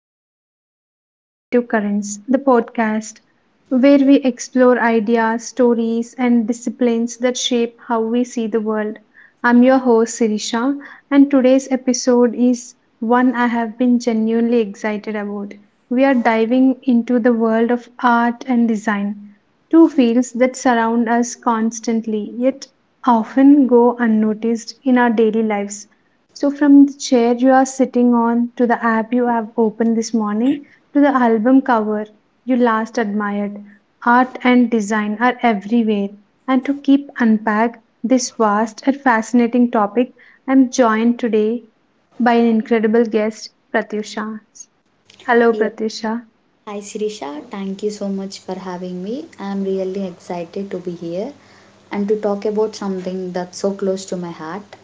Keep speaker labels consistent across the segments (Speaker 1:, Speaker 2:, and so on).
Speaker 1: welcome back to Creative Currents, the podcast where we explore ideas, stories, and disciplines that shape how we see the world. I'm your host, Sirisha, and today's episode is one I have been genuinely excited about. We are diving into the world of art and design, two fields that surround us constantly yet often go unnoticed in our daily lives. So, from the chair you are sitting on to the app you have opened this morning to the album cover you last admired, art and design are everywhere. And to keep unpack this vast and fascinating topic, I'm joined today by an incredible guest, Pratyusha. Hello,
Speaker 2: Yeah.
Speaker 1: Pratyusha.
Speaker 2: Hi Sirisha, thank you so much for having me. I'm really excited to be here and to talk about something that's so close to my heart.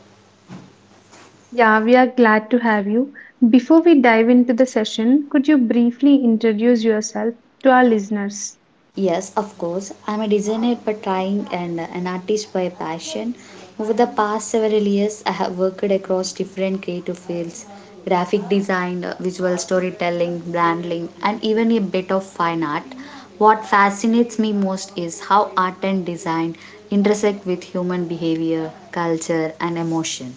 Speaker 1: Yeah, we are glad to have you. Before we dive into the session, could you briefly introduce yourself to our listeners?
Speaker 2: Yes, of course. I'm a designer by trying and an artist by passion. Over the past several years, I have worked across different creative fields: graphic design, visual storytelling, branding, and even a bit of fine art. What fascinates me most is how art and design intersect with human behavior, culture, and emotion.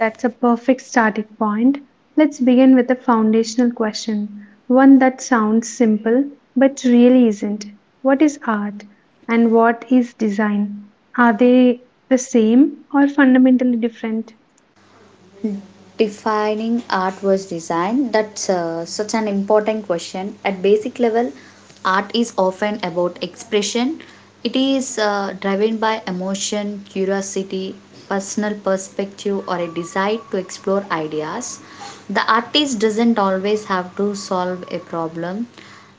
Speaker 1: That's a perfect starting point. Let's begin with a foundational question, one that sounds simple but really isn't. What is art and what is design? Are they the same or fundamentally different?
Speaker 2: Defining art was design, that's such an important question. At basic level, art is often about expression. It is driven by emotion, curiosity, personal perspective, or a desire to explore ideas. The artist doesn't always have to solve a problem.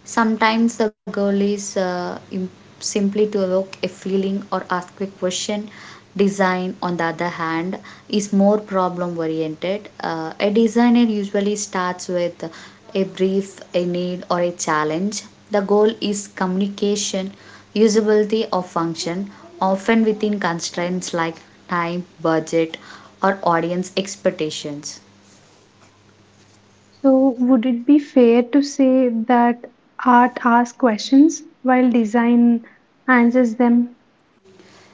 Speaker 2: Sometimes the goal is simply to evoke a feeling or ask a question. Design, on the other hand, is more problem oriented. A designer usually starts with a brief, a need, or a challenge. The goal is communication, usability, or function, often within constraints like time, budget, or audience expectations.
Speaker 1: So, would it be fair to say that art asks questions while design answers them?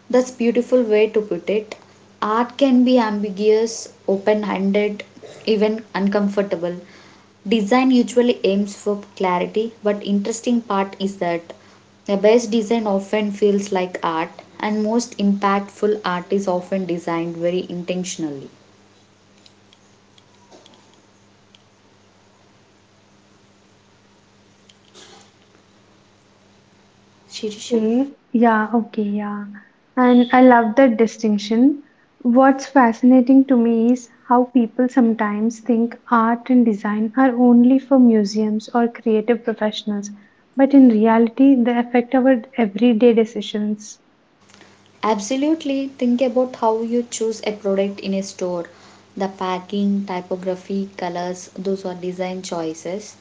Speaker 2: That's beautiful way to put it. Art can be ambiguous, open-handed, even uncomfortable. Design usually aims for clarity, but interesting part is that the best design often feels like art and most impactful art is often designed very intentionally. Shirisha.
Speaker 1: Okay, yeah, okay, yeah. And I love that distinction. What's fascinating to me is how people sometimes think art and design are only for museums or creative professionals, but in reality, they affect our everyday decisions.
Speaker 2: Absolutely. Think about how you choose a product in a store. The packing, typography, colors, those are design choices.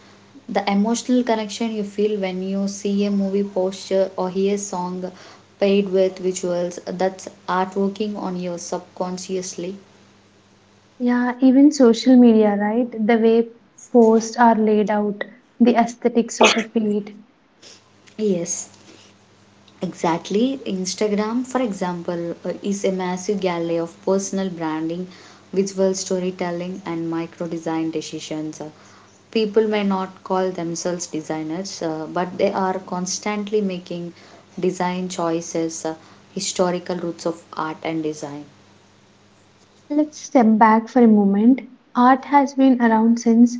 Speaker 2: The emotional connection you feel when you see a movie poster or hear a song paired with visuals, that's art working on you subconsciously.
Speaker 1: Yeah, even social media, right? The way posts are laid out, the aesthetics of a feed.
Speaker 2: Yes, exactly. Instagram, for example, is a massive gallery of personal branding, visual storytelling, and micro design decisions. People may not call themselves designers, but they are constantly making design choices. Uh, historical roots of art and design.
Speaker 1: Let's step back for a moment. Art has been around since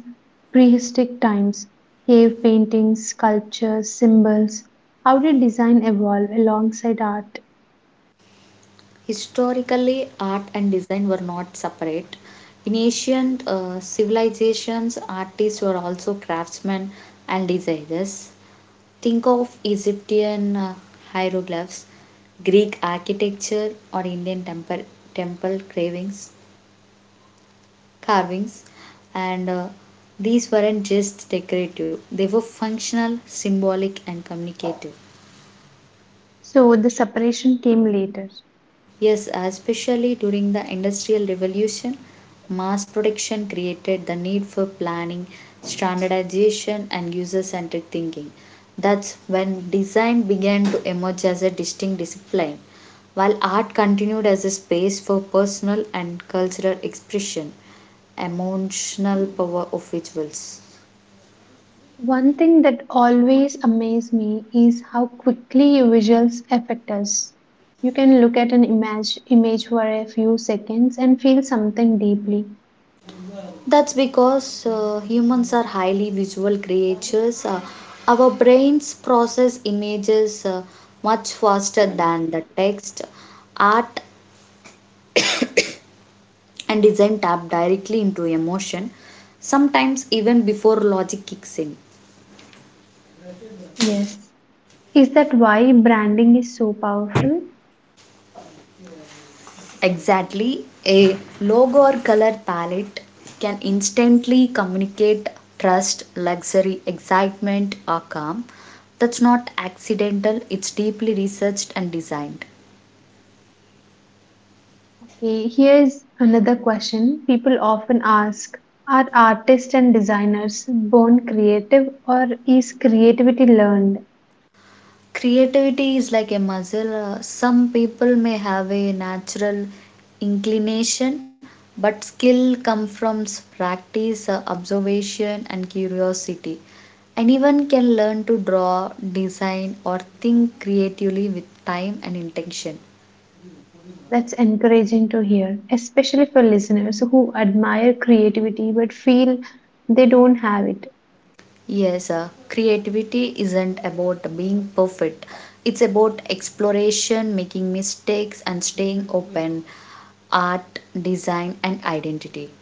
Speaker 1: prehistoric times. Cave paintings, sculptures, symbols. How did design evolve alongside art?
Speaker 2: Historically, art and design were not separate. In ancient civilizations, artists were also craftsmen and designers. Think of Egyptian hieroglyphs, Greek architecture, or Indian temple carvings, and these weren't just decorative; they were functional, symbolic, and communicative.
Speaker 1: So the separation came later.
Speaker 2: Yes, especially during the Industrial Revolution, mass production created the need for planning, standardization, and user centric thinking. That's when design began to emerge as a distinct discipline, while art continued as a space for personal and cultural expression. Emotional power of visuals.
Speaker 1: One thing that always amazed me is how quickly visuals affect us. You can look at an image for a few seconds and feel something deeply.
Speaker 2: That's because humans are highly visual creatures. Our brains process images much faster than the text. Art and design tap directly into emotion, sometimes even before logic kicks in.
Speaker 1: Yes. Is that why branding is so powerful?
Speaker 2: Exactly, a logo or color palette can instantly communicate trust, luxury, excitement, or calm. That's not accidental, it's deeply researched and designed.
Speaker 1: Okay, here's another question people often ask. Are artists and designers born creative or is creativity learned?
Speaker 2: Creativity is like a muscle. Some people may have a natural inclination, but skill comes from practice, observation, and curiosity. Anyone can learn to draw, design, or think creatively with time and intention.
Speaker 1: That's encouraging to hear, especially for listeners who admire creativity but feel they don't have it.
Speaker 2: Yes, creativity isn't about being perfect, it's about exploration, making mistakes, and staying open. Art, design, and identity.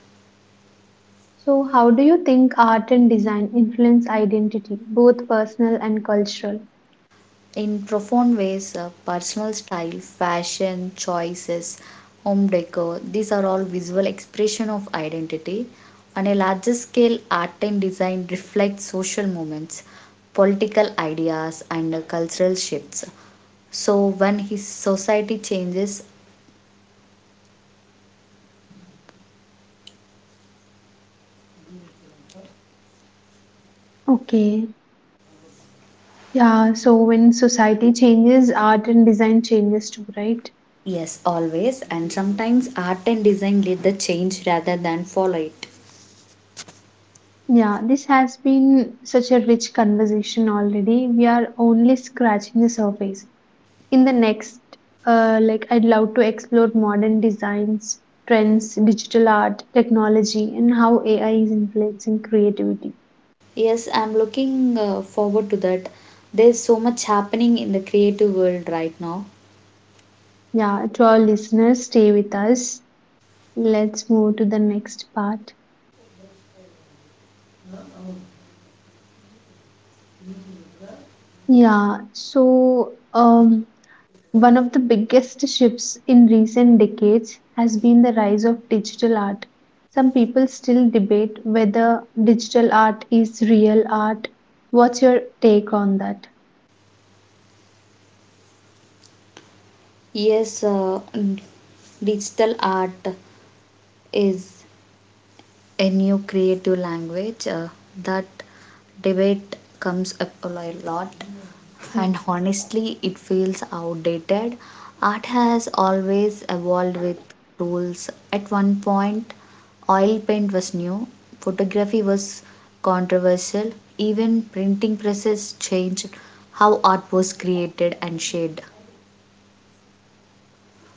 Speaker 1: So, how do you think art and design influence identity, both personal and cultural?
Speaker 2: In profound ways, personal style, fashion choices, home decor, these are all visual expression of identity. On a larger scale, art and design reflect social movements, political ideas, and cultural shifts. So when his society changes.
Speaker 1: Okay, yeah, so when society changes, art and design changes too, right?
Speaker 2: Yes, always, and sometimes art and design lead the change rather than follow it.
Speaker 1: Yeah, this has been such a rich conversation already. We are only scratching the surface. In the next, like I'd love to explore modern designs, trends, digital art, technology, and how AI is influencing creativity.
Speaker 2: Yes, I'm looking forward to that. There's so much happening in the creative world right now.
Speaker 1: Yeah, to our listeners, stay with us. Let's move to the next part. Yeah, so one of the biggest shifts in recent decades has been the rise of digital art. Some people still debate whether digital art is real art. What's your take on that?
Speaker 2: Yes, digital art is a new creative language. Uh, that debate comes up a lot,
Speaker 1: Mm.
Speaker 2: and honestly, it feels outdated. Art has always evolved with rules. At one point, oil paint was new, photography was controversial, even printing presses changed how art was created and shared.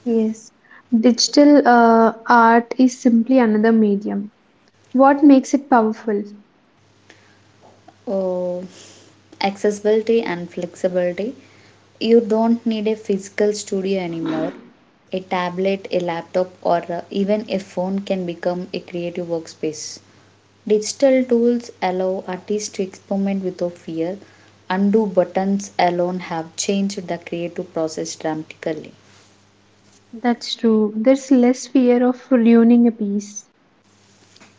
Speaker 1: Yes, digital art is simply another medium. What makes it powerful?
Speaker 2: Oh, accessibility and flexibility. You don't need a physical studio anymore. A tablet, a laptop, or even a phone can become a creative workspace. Digital tools allow artists to experiment without fear. Undo buttons alone have changed the creative process dramatically.
Speaker 1: That's true. There's less fear of ruining a piece.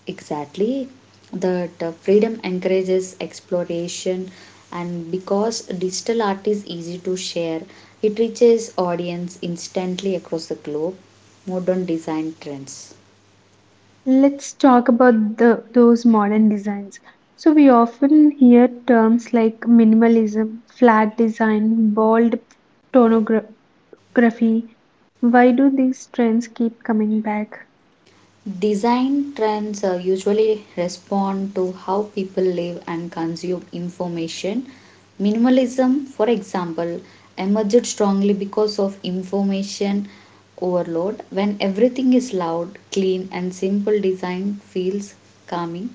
Speaker 2: Exactly, that freedom encourages exploration, and because digital art is easy to share, it reaches audience instantly across the globe. Modern design trends.
Speaker 1: Let's talk about those modern designs. So, we often hear terms like minimalism, flat design, bold tonography. Why do these trends keep coming back?
Speaker 2: Design trends usually respond to how people live and consume information. Minimalism, for example, emerged strongly because of information overload. When everything is loud, clean, and simple, design feels calming.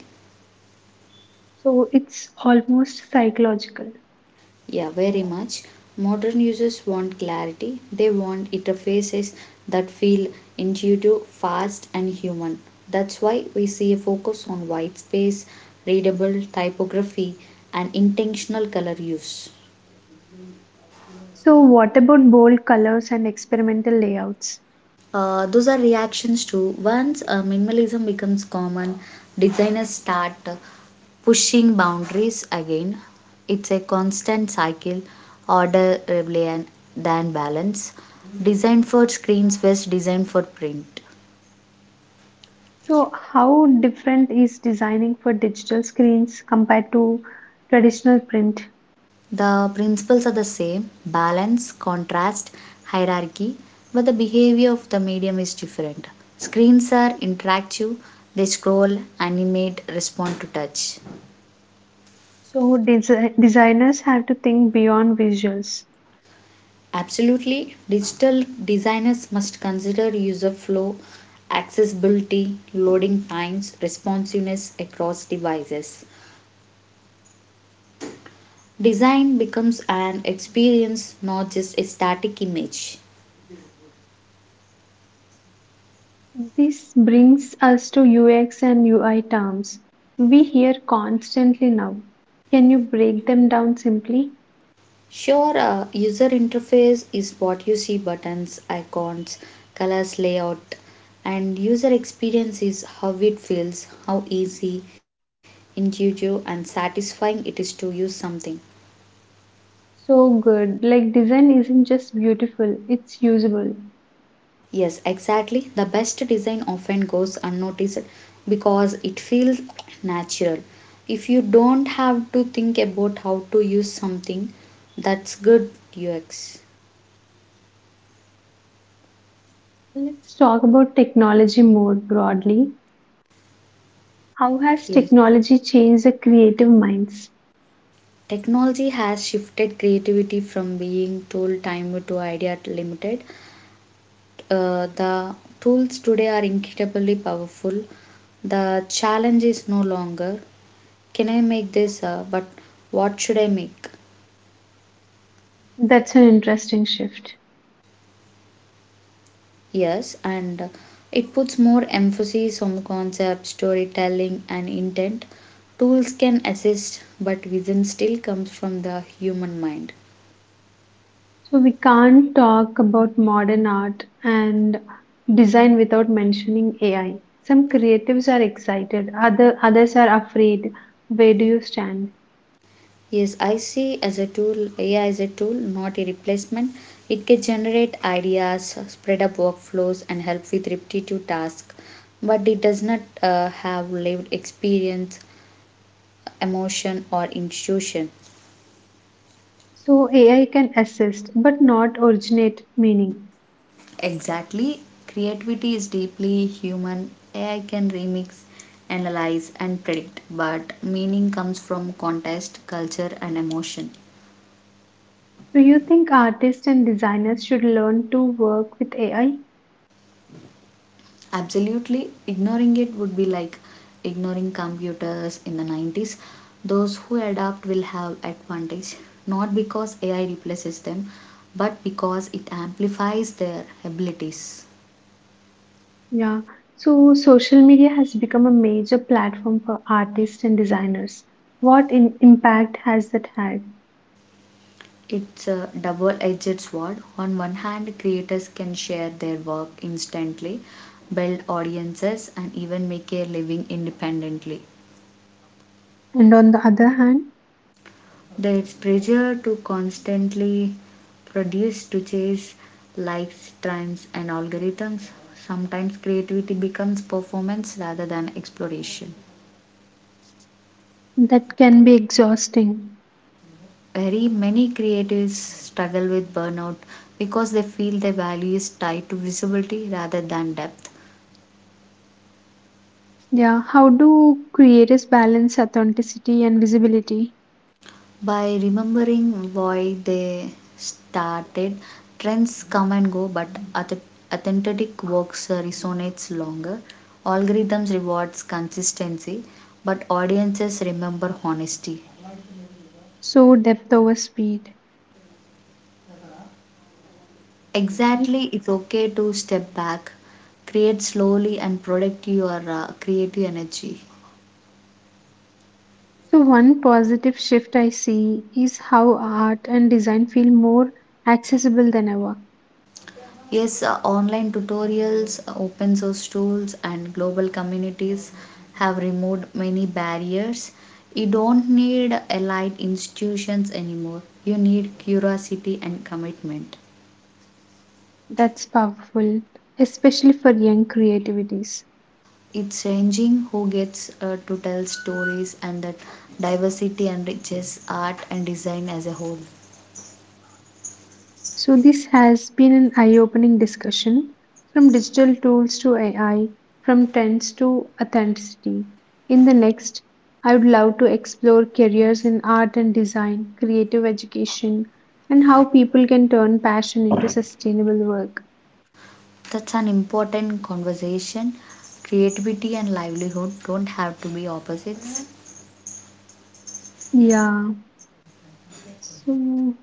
Speaker 1: So, it's almost psychological.
Speaker 2: Yeah, very much. Modern users want clarity. They want interfaces that feel intuitive, fast, and human. That's why we see a focus on white space, readable typography, and intentional color use.
Speaker 1: So, what about bold colors and experimental layouts?
Speaker 2: Those are reactions to once minimalism becomes common, designers start pushing boundaries again. It's a constant cycle: order, rebellion, than balance. Design for screens versus design for print.
Speaker 1: So, how different is designing for digital screens compared to traditional print?
Speaker 2: The principles are the same: balance, contrast, hierarchy, but the behavior of the medium is different. Screens are interactive, they scroll, animate, respond to touch.
Speaker 1: So, designers have to think beyond visuals.
Speaker 2: Absolutely, digital designers must consider user flow, accessibility, loading times, responsiveness across devices. Design becomes an experience, not just a static image.
Speaker 1: This brings us to UX and UI terms we hear constantly now. Can you break them down simply?
Speaker 2: Sure, user interface is what you see: buttons, icons, colors, layout, and user experience is how it feels, how easy, intuitive, and satisfying it is to use something.
Speaker 1: So good. Like design isn't just beautiful, it's usable.
Speaker 2: Yes, exactly. The best design often goes unnoticed because it feels natural. If you don't have to think about how to use something, that's good UX.
Speaker 1: Let's talk about technology more broadly. How has
Speaker 2: Yes.
Speaker 1: technology changed the creative minds?
Speaker 2: Technology has shifted creativity from being tool time to idea limited. The tools today are incredibly powerful. The challenge is no longer can I make this, but what should I make?
Speaker 1: That's an interesting shift.
Speaker 2: Yes, and it puts more emphasis on concept, storytelling, and intent. Tools can assist, but vision still comes from the human mind.
Speaker 1: So we can't talk about modern art and design without mentioning AI. Some creatives are excited, others are afraid. Where do you stand?
Speaker 2: Yes, I see as a tool, AI is a tool, not a replacement. It can generate ideas, spread up workflows, and help with repetitive tasks, but it does not have lived experience, emotion, or intuition.
Speaker 1: So AI can assist but not originate meaning.
Speaker 2: Exactly. Creativity is deeply human. AI can remix, analyze, and predict, but meaning comes from context, culture, and emotion.
Speaker 1: Do you think artists and designers should learn to work with AI?
Speaker 2: Absolutely, ignoring it would be like ignoring computers in the 90s. Those who adapt will have advantage, not because AI replaces them, but because it amplifies their abilities.
Speaker 1: Yeah. So social media has become a major platform for artists and designers. What in impact has that had?
Speaker 2: It's a double edged sword. On one hand, creators can share their work instantly, build audiences, and even make a living independently.
Speaker 1: And on the other hand,
Speaker 2: There's pressure to constantly produce, to chase likes, trends, and algorithms. Sometimes creativity becomes performance rather than exploration.
Speaker 1: that can be exhausting.
Speaker 2: Very many creatives struggle with burnout because they feel their value is tied to visibility rather than depth.
Speaker 1: Yeah, how do creators balance authenticity and visibility?
Speaker 2: By remembering why they started. Trends come and go, but authentic works resonates longer. Algorithms rewards consistency, but audiences remember honesty.
Speaker 1: So, depth over speed,
Speaker 2: Exactly,
Speaker 1: right?
Speaker 2: it's okay to step back, create slowly and protect your creative energy.
Speaker 1: So, one positive shift I see is how art and design feel more accessible than ever.
Speaker 2: Yes, online tutorials, open source tools, and global communities have removed many barriers. You don't need elite institutions anymore. You need curiosity and commitment.
Speaker 1: That's powerful, especially for young creativities.
Speaker 2: It's changing who gets to tell stories, and that diversity enriches art and design as a whole.
Speaker 1: So, this has been an eye opening discussion from digital tools to AI, from trends to authenticity. In the next, I would love to explore careers in art and design, creative education, and how people can turn passion into sustainable work.
Speaker 2: That's an important conversation. Creativity and livelihood don't have to be opposites.
Speaker 1: Yeah. So,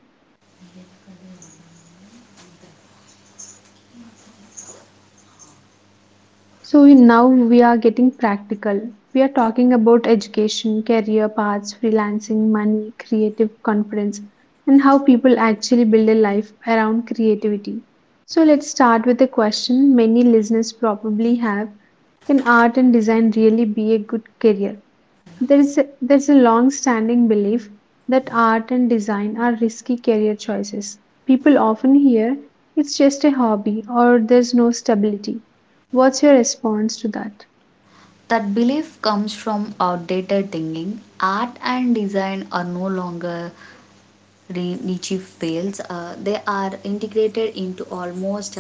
Speaker 1: So, now we are getting practical. We are talking about education, career paths, freelancing, money, creative confidence, and how people actually build a life around creativity. So let's start with a question many listeners probably have. Can art and design really be a good career? There's a long-standing belief that art and design are risky career choices. People often hear it's just a hobby or there's no stability. What's your response to that?
Speaker 2: That belief comes from outdated thinking. Art and design are no longer niche fields, they are integrated into almost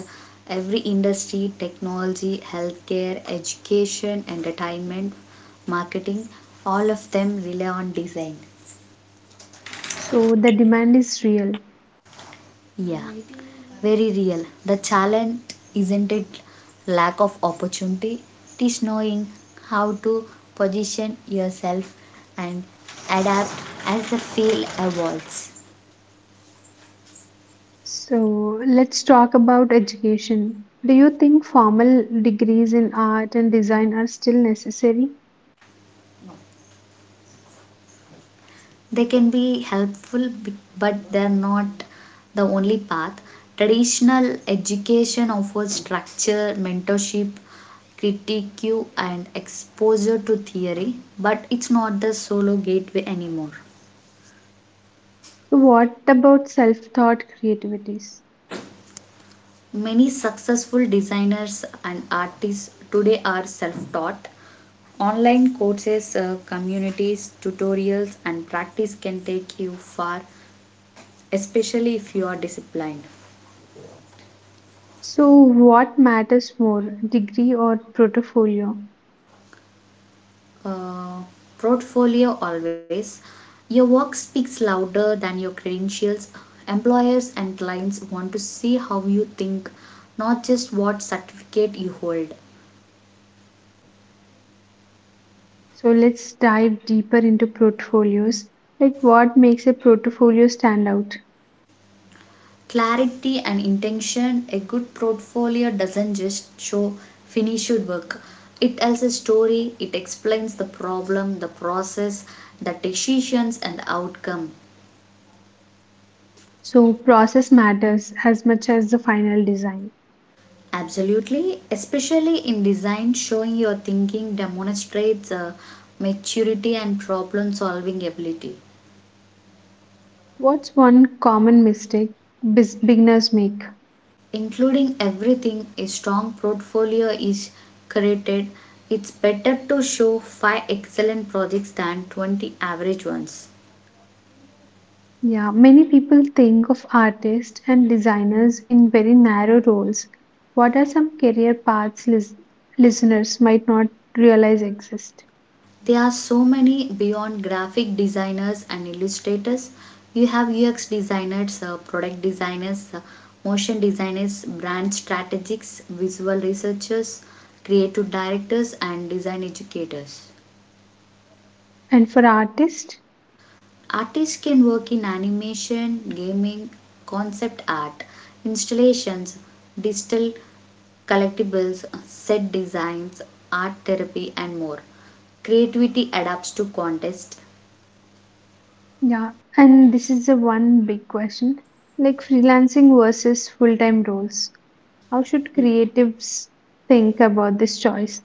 Speaker 2: every industry: technology, healthcare, education, entertainment, marketing. All of them rely on design.
Speaker 1: So the demand is real.
Speaker 2: Yeah. Very real. The challenge isn't it lack of opportunity, it is knowing how to position yourself and adapt as the field evolves.
Speaker 1: So let's talk about education. Do you think formal degrees in art and design are still necessary?
Speaker 2: They can be helpful, but they're not the only path. Traditional education offers structure, mentorship, critique, and exposure to theory, but it's not the solo gateway anymore.
Speaker 1: So what about self-taught creativities?
Speaker 2: Many successful designers and artists today are self taught. Online courses, communities, tutorials, and practice can take you far, especially if you are disciplined.
Speaker 1: So what matters more, degree or portfolio?
Speaker 2: Uh, portfolio always. Your work speaks louder than your credentials. Employers and clients want to see how you think, not just what certificate you hold.
Speaker 1: So let's dive deeper into portfolios. Like what makes a portfolio stand out?
Speaker 2: Clarity and intention. A good portfolio doesn't just show finished work, it tells a story. It explains the problem, the process, the decisions, and the outcome.
Speaker 1: So process matters as much as the final design.
Speaker 2: Absolutely, especially in design, showing your thinking demonstrates maturity and problem solving ability.
Speaker 1: What's one common mistake beginners make?
Speaker 2: Including everything. A strong portfolio is created. It's better to show 5 excellent projects than 20 average ones.
Speaker 1: Yeah, many people think of artists and designers in very narrow roles. What are some career paths listeners might not realize exist?
Speaker 2: There are so many beyond graphic designers and illustrators. You have UX designers, product designers, motion designers, brand strategists, visual researchers, creative directors, and design educators.
Speaker 1: And for artists,
Speaker 2: Artists can work in animation, gaming, concept art, installations, digital collectibles, set designs, art therapy, and more. Creativity adapts to contest.
Speaker 1: yeah, and this is the one big question, like freelancing versus full time roles. How should creatives think about this choice?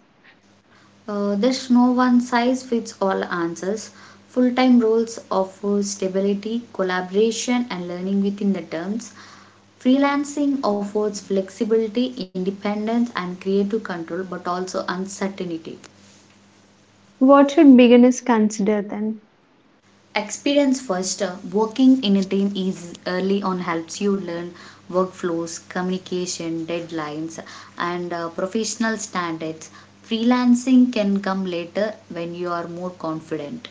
Speaker 2: There's no one size fits all answers. Full time roles offer stability, collaboration, and learning within the terms. Freelancing offers flexibility, independence, and creative control, but also uncertainty.
Speaker 1: What should beginners consider then?
Speaker 2: Experience first, working in a team is early on helps you learn workflows, communication, deadlines, and professional standards. Freelancing can come later when you are more confident.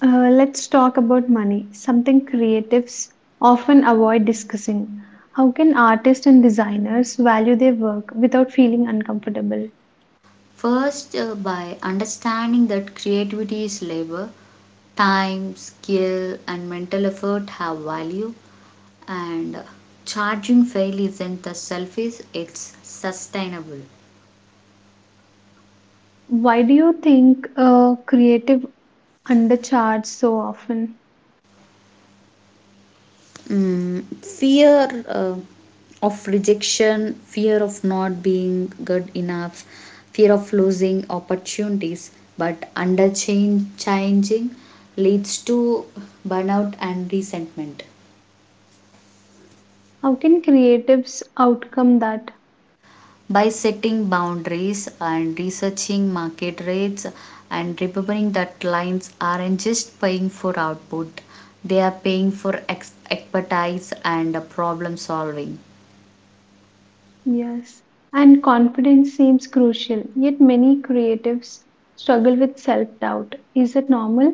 Speaker 1: Let's talk about money, something creatives often avoid discussing. How can artists and designers value their work without feeling uncomfortable?
Speaker 2: First, by understanding that creativity is labor, time, skill, and mental effort have value, and charging fairly isn't the selfish, it's sustainable.
Speaker 1: Why do you think creative undercharge so often?
Speaker 2: Fear of rejection, fear of not being good enough, fear of losing opportunities, but under change, changing leads to burnout and resentment.
Speaker 1: How can creatives outcome that?
Speaker 2: By setting boundaries and researching market rates and remembering that clients aren't just paying for output, they are paying for expertise and problem solving.
Speaker 1: Yes, and confidence seems crucial, yet many creatives struggle with self-doubt. Is it normal?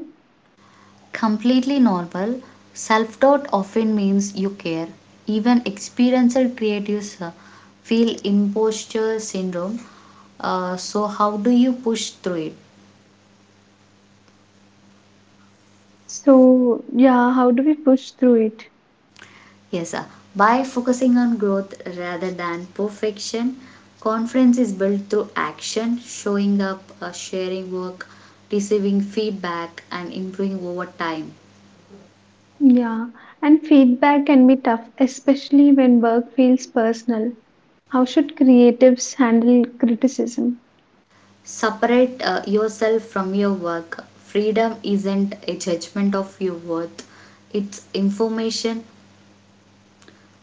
Speaker 2: Completely normal, self doubt often means you care. Even experiential creatives feel imposter syndrome. How do you push through it?
Speaker 1: So, yeah, how do we push through it?
Speaker 2: Yes, sir. By focusing on growth rather than perfection, confidence is built through action, showing up, sharing work, receiving feedback, and improving over time.
Speaker 1: Yeah, and feedback can be tough, especially when work feels personal. How should creatives handle criticism?
Speaker 2: Separate yourself from your work. Freedom isn't a judgment of your worth, it's information.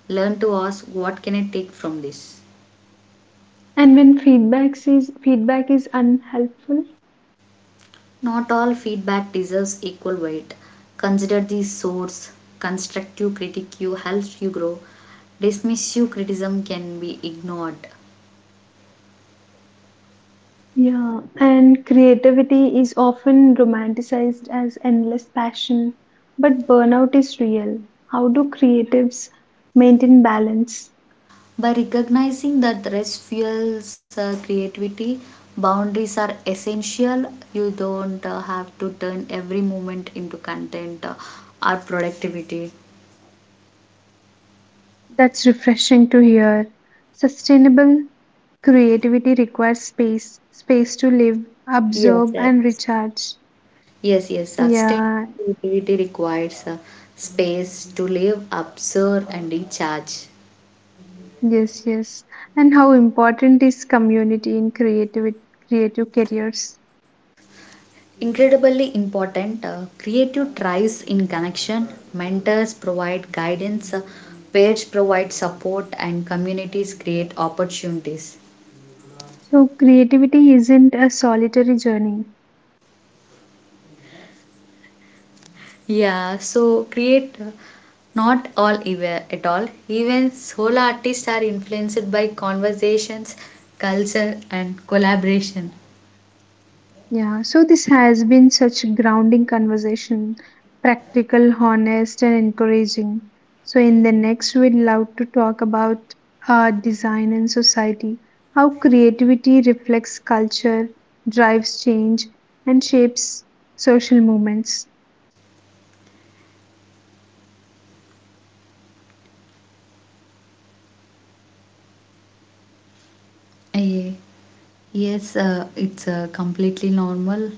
Speaker 2: Learn to ask, what can I take from this?
Speaker 1: And when feedback is unhelpful?
Speaker 2: Not all feedback deserves equal weight. Consider the source. Constructive critique helps you grow. Dismissive criticism can be ignored.
Speaker 1: Yeah, and creativity is often romanticized as endless passion, but burnout is real. How do creatives maintain balance?
Speaker 2: By recognizing that rest fuels creativity, boundaries are essential. You don't have to turn every moment into content or productivity.
Speaker 1: That's refreshing to hear. Sustainable creativity requires space, space to live,
Speaker 2: Yes,
Speaker 1: absorb,
Speaker 2: yes.
Speaker 1: and recharge.
Speaker 2: Yes, yes. Sustained
Speaker 1: Yeah,
Speaker 2: creativity requires space to live, observe, and recharge.
Speaker 1: yes, yes. And how important is community in creative careers?
Speaker 2: Incredibly important. Creative thrives in connection. Mentors provide guidance, pairs provide support, and communities create opportunities.
Speaker 1: So creativity isn't a solitary journey.
Speaker 2: Yeah, so create, not all even, at all, even solo artists are influenced by conversations, culture, and collaboration.
Speaker 1: Yeah, so this has been such grounding conversation, practical, honest, and encouraging. So in the next, we'd love to talk about art, design, and society, how creativity reflects culture, drives change, and shapes social movements.
Speaker 2: Yeah. Yes, it's completely normal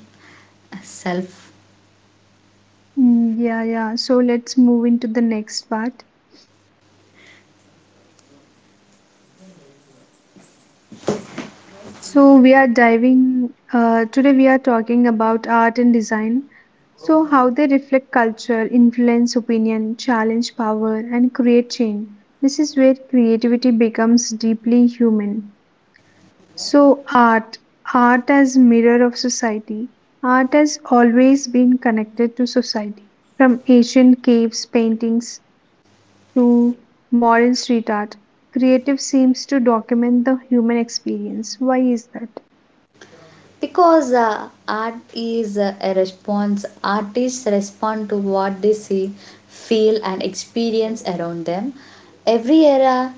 Speaker 2: self.
Speaker 1: Mm, yeah, yeah. So let's move into the next part. So we are diving today we are talking about art and design. So how they reflect culture, influence opinion, challenge power and create change. This is where creativity becomes deeply human. So art as mirror of society. Art has always been connected to society. From ancient caves paintings to modern street art, creative seems to document the human experience. Why is that?
Speaker 2: Because art is a response. Artists respond to what they see, feel, and experience around them. Every era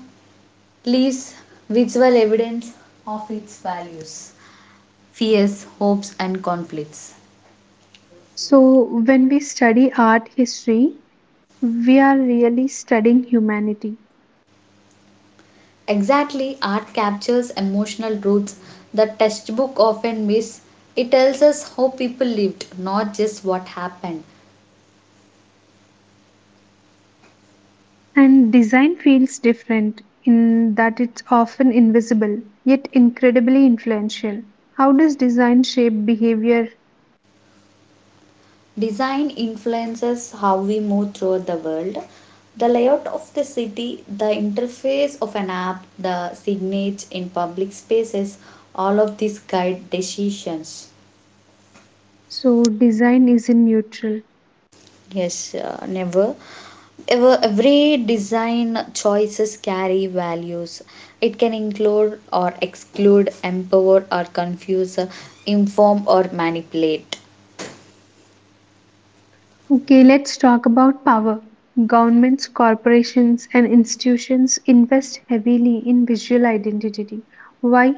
Speaker 2: leaves visual evidence of its values, fears, hopes, and conflicts.
Speaker 1: So, when we study art history, we are really studying humanity.
Speaker 2: Exactly. Art captures emotional truths that textbook often miss. It tells us how people lived, not just what happened.
Speaker 1: And design feels different in that it's often invisible, yet incredibly influential. How does design shape behavior?
Speaker 2: Design influences how we move throughout the world. The layout of the city, the interface of an app, the signage in public spaces, all of these guide decisions.
Speaker 1: So, design is in neutral.
Speaker 2: Yes, never. Ever, every design choices carry values. It can include or exclude, empower or confuse, inform or manipulate.
Speaker 1: Okay, let's talk about power. Governments, corporations, and institutions invest heavily in visual identity. Why?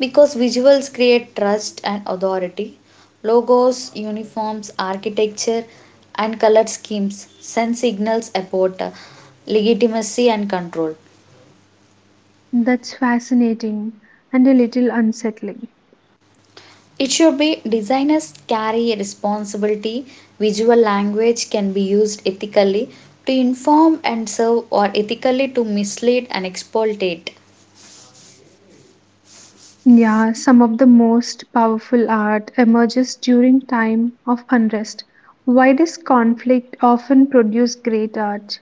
Speaker 2: Because visuals create trust and authority, logos, uniforms, architecture, and color schemes send signals about legitimacy and control.
Speaker 1: That's fascinating and a little unsettling.
Speaker 2: It should be. Designers carry a responsibility. Visual language can be used ethically to inform and serve, or ethically to mislead and exploitate.
Speaker 1: Yeah, some of the most powerful art emerges during time of unrest. Why does conflict often produce great art?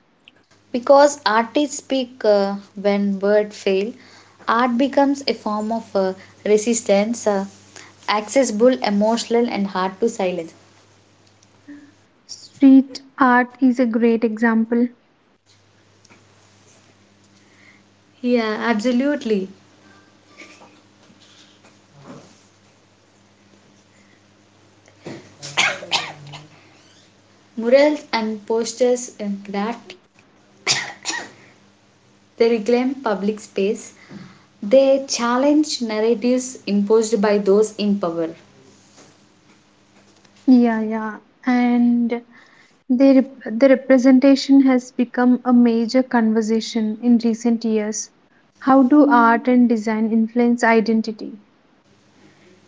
Speaker 2: Because artists speak when words fail. Art becomes a form of resistance, accessible, emotional, and hard to silence.
Speaker 1: Street art is a great example.
Speaker 2: Absolutely. Murals and posters, in that they reclaim public space, they challenge narratives imposed by those in power.
Speaker 1: Yeah, yeah. And the representation has become a major conversation in recent years. How do art and design influence identity?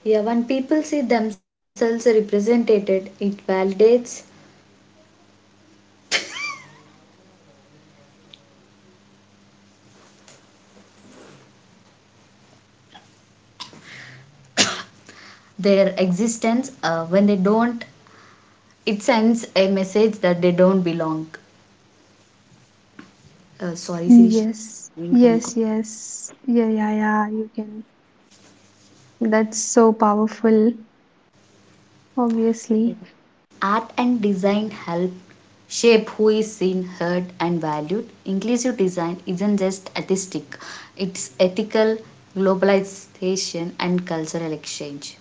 Speaker 2: Yeah, when people see themselves represented, it validates their existence. When they don't, it sends a message that they don't belong. Sorry, Sirisha.
Speaker 1: Yes,
Speaker 2: Doing some good.
Speaker 1: yes, yes. Yeah, yeah, yeah. You can. That's so powerful, obviously.
Speaker 2: Art and design help shape who is seen, heard, and valued. Inclusive design isn't just artistic, it's ethical, globalization, and cultural exchange.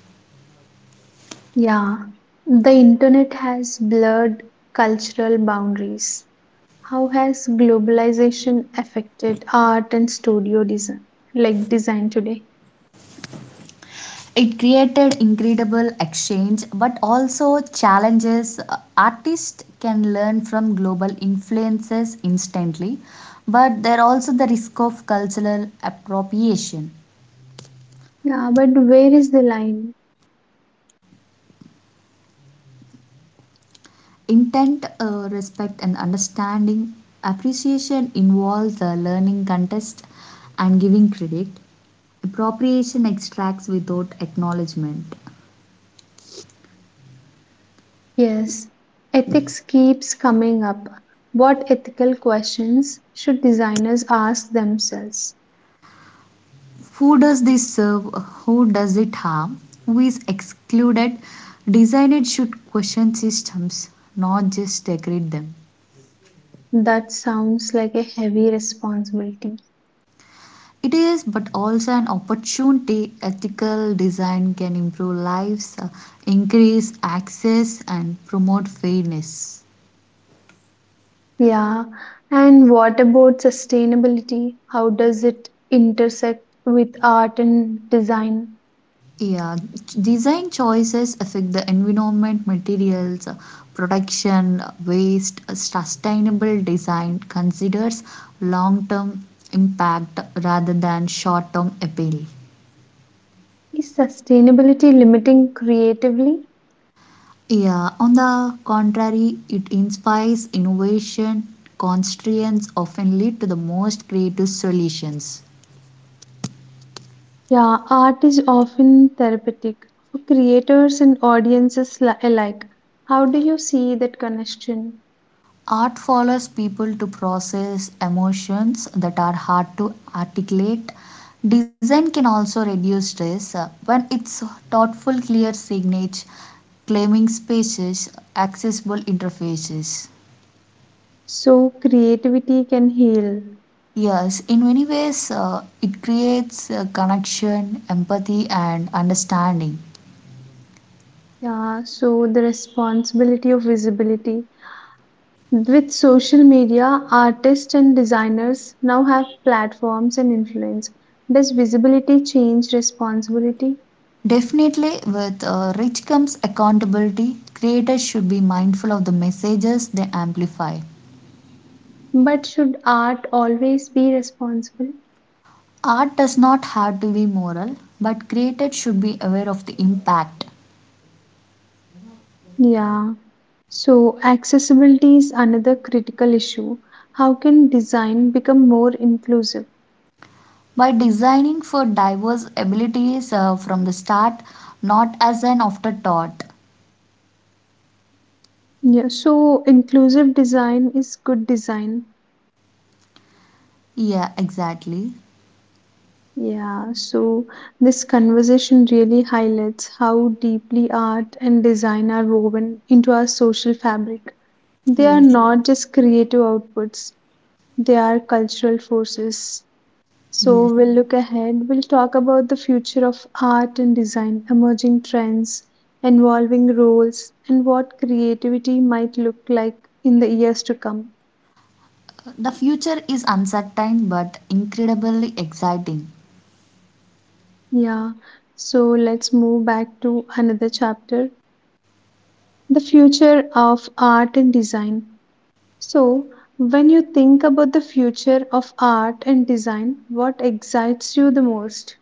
Speaker 1: Yeah, the internet has blurred cultural boundaries. How has globalization affected art and studio design, like design today?
Speaker 2: It created incredible exchange but also challenges. Artists can learn from global influences instantly, but there are also the risk of cultural appropriation.
Speaker 1: Yeah, but where is the line?
Speaker 2: Intent, respect, and understanding. Appreciation involves learning contest and giving credit. Appropriation extracts without acknowledgement.
Speaker 1: Yes, ethics keeps coming up. What ethical questions should designers ask themselves?
Speaker 2: Who does this serve? Who does it harm? Who is excluded? Designers should question systems, not just degrade them.
Speaker 1: That sounds like a heavy responsibility.
Speaker 2: It is, but also an opportunity. Ethical design can improve lives, increase access, and promote fairness.
Speaker 1: Yeah, and what about sustainability? How does it intersect with art and design?
Speaker 2: Yeah, design choices affect the environment, materials, production, waste. Sustainable design considers long term impact rather than short term appeal.
Speaker 1: Is sustainability limiting creatively?
Speaker 2: Yeah, on the contrary, it inspires innovation. Constraints often lead to the most creative solutions.
Speaker 1: Yeah, art is often therapeutic for creators and audiences alike. How do you see that connection?
Speaker 2: Art follows people to process emotions that are hard to articulate. Design can also reduce stress when it's thoughtful, clear signage, claiming spaces, accessible interfaces.
Speaker 1: So, creativity can heal.
Speaker 2: Yes, in many ways, it creates connection, empathy, and understanding.
Speaker 1: Yeah, so the responsibility of visibility. With social media, artists and designers now have platforms and influence. Does visibility change responsibility?
Speaker 2: Definitely, with rich comes accountability. Creators should be mindful of the messages they amplify.
Speaker 1: But should art always be responsible?
Speaker 2: Art does not have to be moral, but creators should be aware of the impact.
Speaker 1: Yeah. So, accessibility is another critical issue. How can design become more inclusive?
Speaker 2: By designing for diverse abilities from the start, not as an afterthought.
Speaker 1: Yeah. So, inclusive design is good design.
Speaker 2: Yeah, exactly.
Speaker 1: Yeah, so this conversation really highlights how deeply art and design are woven into our social fabric. They are
Speaker 2: Yes,
Speaker 1: not just creative outputs, they are cultural forces. So,
Speaker 2: yes.
Speaker 1: we'll look ahead, we'll talk about the future of art and design, emerging trends, evolving roles, and what creativity might look like in the years to come.
Speaker 2: The future is uncertain but incredibly exciting.
Speaker 1: Yeah, so let's move back to another chapter, the future of art and design. So, when you think about the future of art and design, what excites you the most?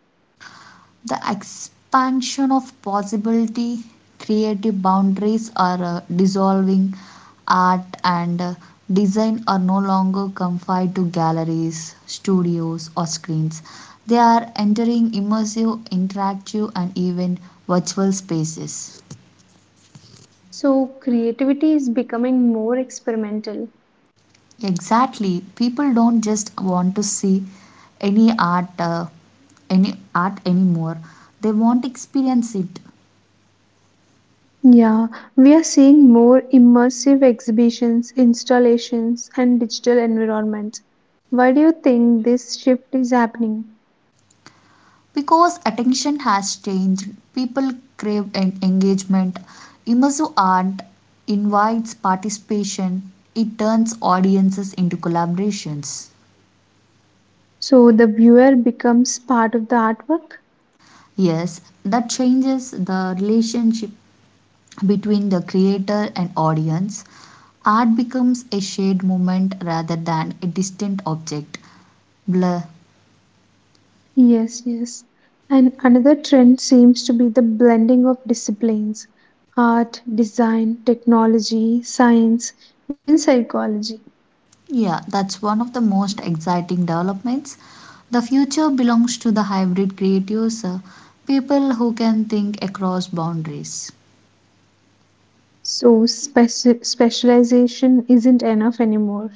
Speaker 2: The expansion of possibility. Creative boundaries are dissolving. Art and design are no longer confined to galleries, studios, or screens. They are entering immersive, interactive, and even virtual spaces.
Speaker 1: So, creativity is becoming more experimental.
Speaker 2: Exactly. People don't just want to see any art uh, any art anymore, they want to experience it.
Speaker 1: Yeah, we are seeing more immersive exhibitions, installations, and digital environments. Why do you think this shift is happening?
Speaker 2: Because attention has changed. People crave engagement. Immersive art invites participation. It turns audiences into collaborations.
Speaker 1: So, the viewer becomes part of the artwork?
Speaker 2: Yes, that changes the relationship between the creator and audience. Art becomes a shared moment rather than a distant object. Blur.
Speaker 1: Yes, yes. And another trend seems to be the blending of disciplines: art, design, technology, science, even psychology.
Speaker 2: Yeah, that's one of the most exciting developments. The future belongs to the hybrid creatives, people who can think across boundaries.
Speaker 1: So, specialization isn't enough anymore.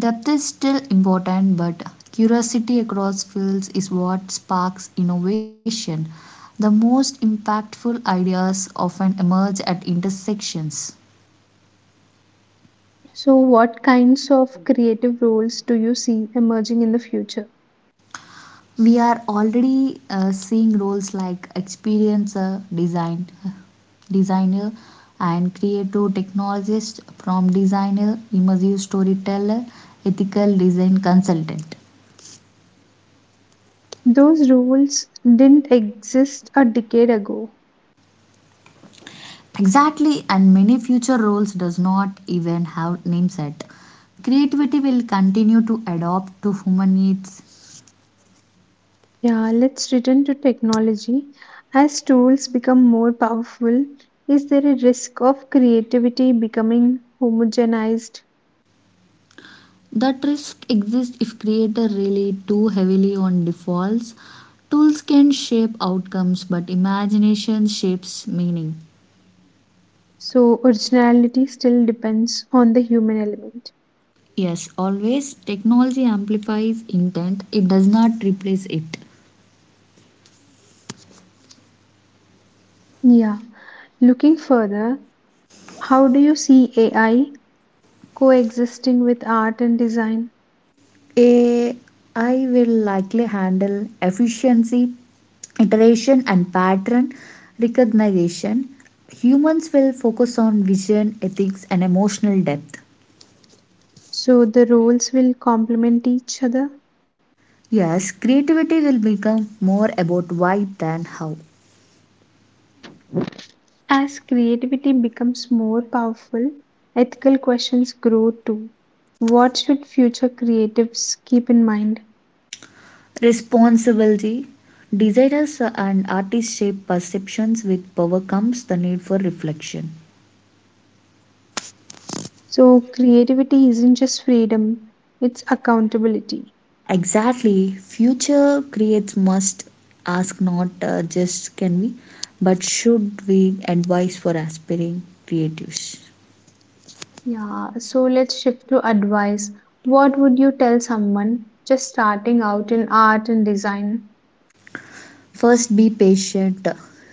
Speaker 2: Depth is still important, but curiosity across fields is what sparks innovation. The most impactful ideas often emerge at intersections.
Speaker 1: So, what kinds of creative roles do you see emerging in the future?
Speaker 2: We are already seeing roles like experiencer design, designer, and creative technologist, prompt designer, immersive storyteller, ethical design consultant.
Speaker 1: Those roles didn't exist a decade ago.
Speaker 2: Exactly, and many future roles does not even have names yet. Creativity will continue to adapt to human needs.
Speaker 1: Yeah, let's return to technology. As tools become more powerful, is there a risk of creativity becoming homogenized?
Speaker 2: That risk exists if creators rely too heavily on defaults. Tools can shape outcomes, but imagination shapes meaning.
Speaker 1: So, originality still depends on the human element.
Speaker 2: Yes, always. Technology amplifies intent, it does not replace it.
Speaker 1: Yeah. Looking further, how do you see AI coexisting with art and design?
Speaker 2: AI will likely handle efficiency, iteration, and pattern recognition. Humans will focus on vision, ethics, and emotional depth.
Speaker 1: So, the roles will complement each other?
Speaker 2: Yes, creativity will become more about why than how.
Speaker 1: As creativity becomes more powerful, ethical questions grow too. What should future creatives keep in mind?
Speaker 2: Responsibility. Designers and artists shape perceptions. With power comes the need for reflection.
Speaker 1: So, creativity isn't just freedom, it's accountability.
Speaker 2: Exactly. Future creates must ask not, just can we, but should we advise for aspiring creatives.
Speaker 1: Yeah, so let's shift to advice. What would you tell someone just starting out in art and design?
Speaker 2: First, be patient.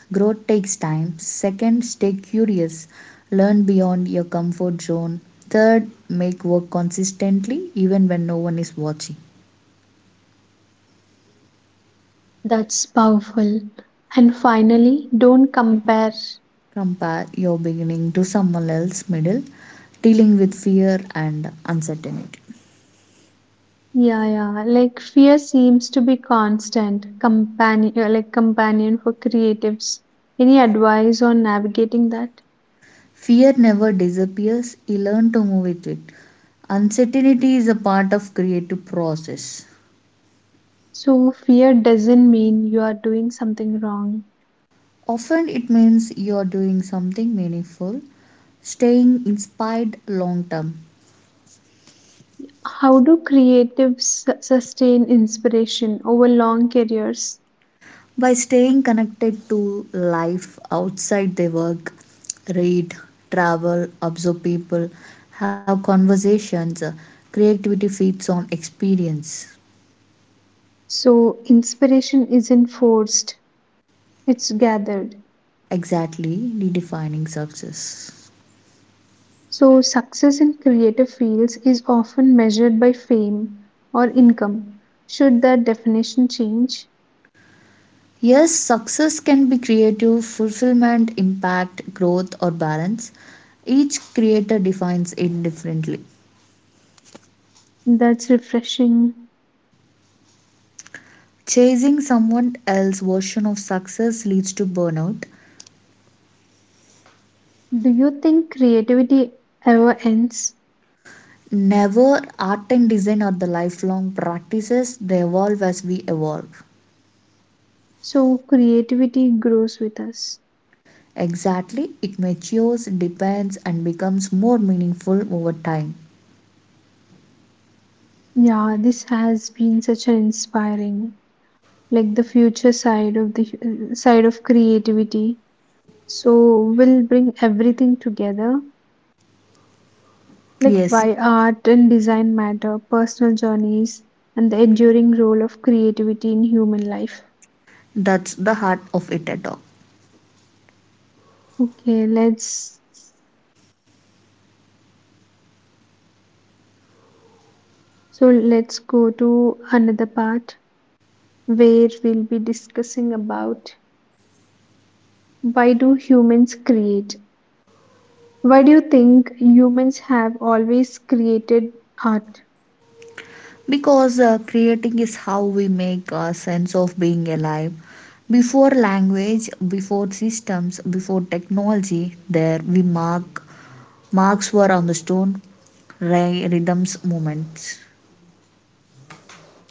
Speaker 2: Growth takes time. Second, stay curious. Learn beyond your comfort zone. Third, make work consistently even when no one is watching.
Speaker 1: That's powerful. And finally, don't compare.
Speaker 2: Compare your beginning to someone else's middle, dealing with fear and uncertainty.
Speaker 1: Yeah, yeah. Like, fear seems to be constant companion, like companion for creatives. Any advice on navigating that?
Speaker 2: Fear never disappears, you learn to move with it. Uncertainty is a part of creative process.
Speaker 1: So fear doesn't mean you are doing something wrong.
Speaker 2: Often it means you're doing something meaningful, staying inspired long term.
Speaker 1: How do creatives sustain inspiration over long careers?
Speaker 2: By staying connected to life outside their work, read, travel, observe people, have conversations, creativity feeds on experience.
Speaker 1: So inspiration isn't forced, it's gathered.
Speaker 2: Exactly, redefining success.
Speaker 1: So success in creative fields is often measured by fame or income. Should that definition change?
Speaker 2: Yes, success can be creative, fulfillment, impact, growth, or balance. Each creator defines it differently.
Speaker 1: That's refreshing.
Speaker 2: Chasing someone else's version of success leads to burnout.
Speaker 1: Do you think creativity ever ends?
Speaker 2: Never. Art and design are the lifelong practices, they evolve as we evolve.
Speaker 1: So, creativity grows with us.
Speaker 2: Exactly, it matures, depends, and becomes more meaningful over time.
Speaker 1: Yeah, this has been such an inspiring, like the future side of the side of creativity. So, we'll bring everything together, like
Speaker 2: Yes,
Speaker 1: why art and design matter, personal journeys, and the enduring role of creativity in human life.
Speaker 2: that's the heart of it at all.
Speaker 1: Okay, let's go to another part, where we'll be discussing about why do humans create? Why do you think humans have always created art?
Speaker 2: Because creating is how we make a sense of being alive. Before language, before systems, before technology, there we mark. Marks were on the stone, rhythms, movements.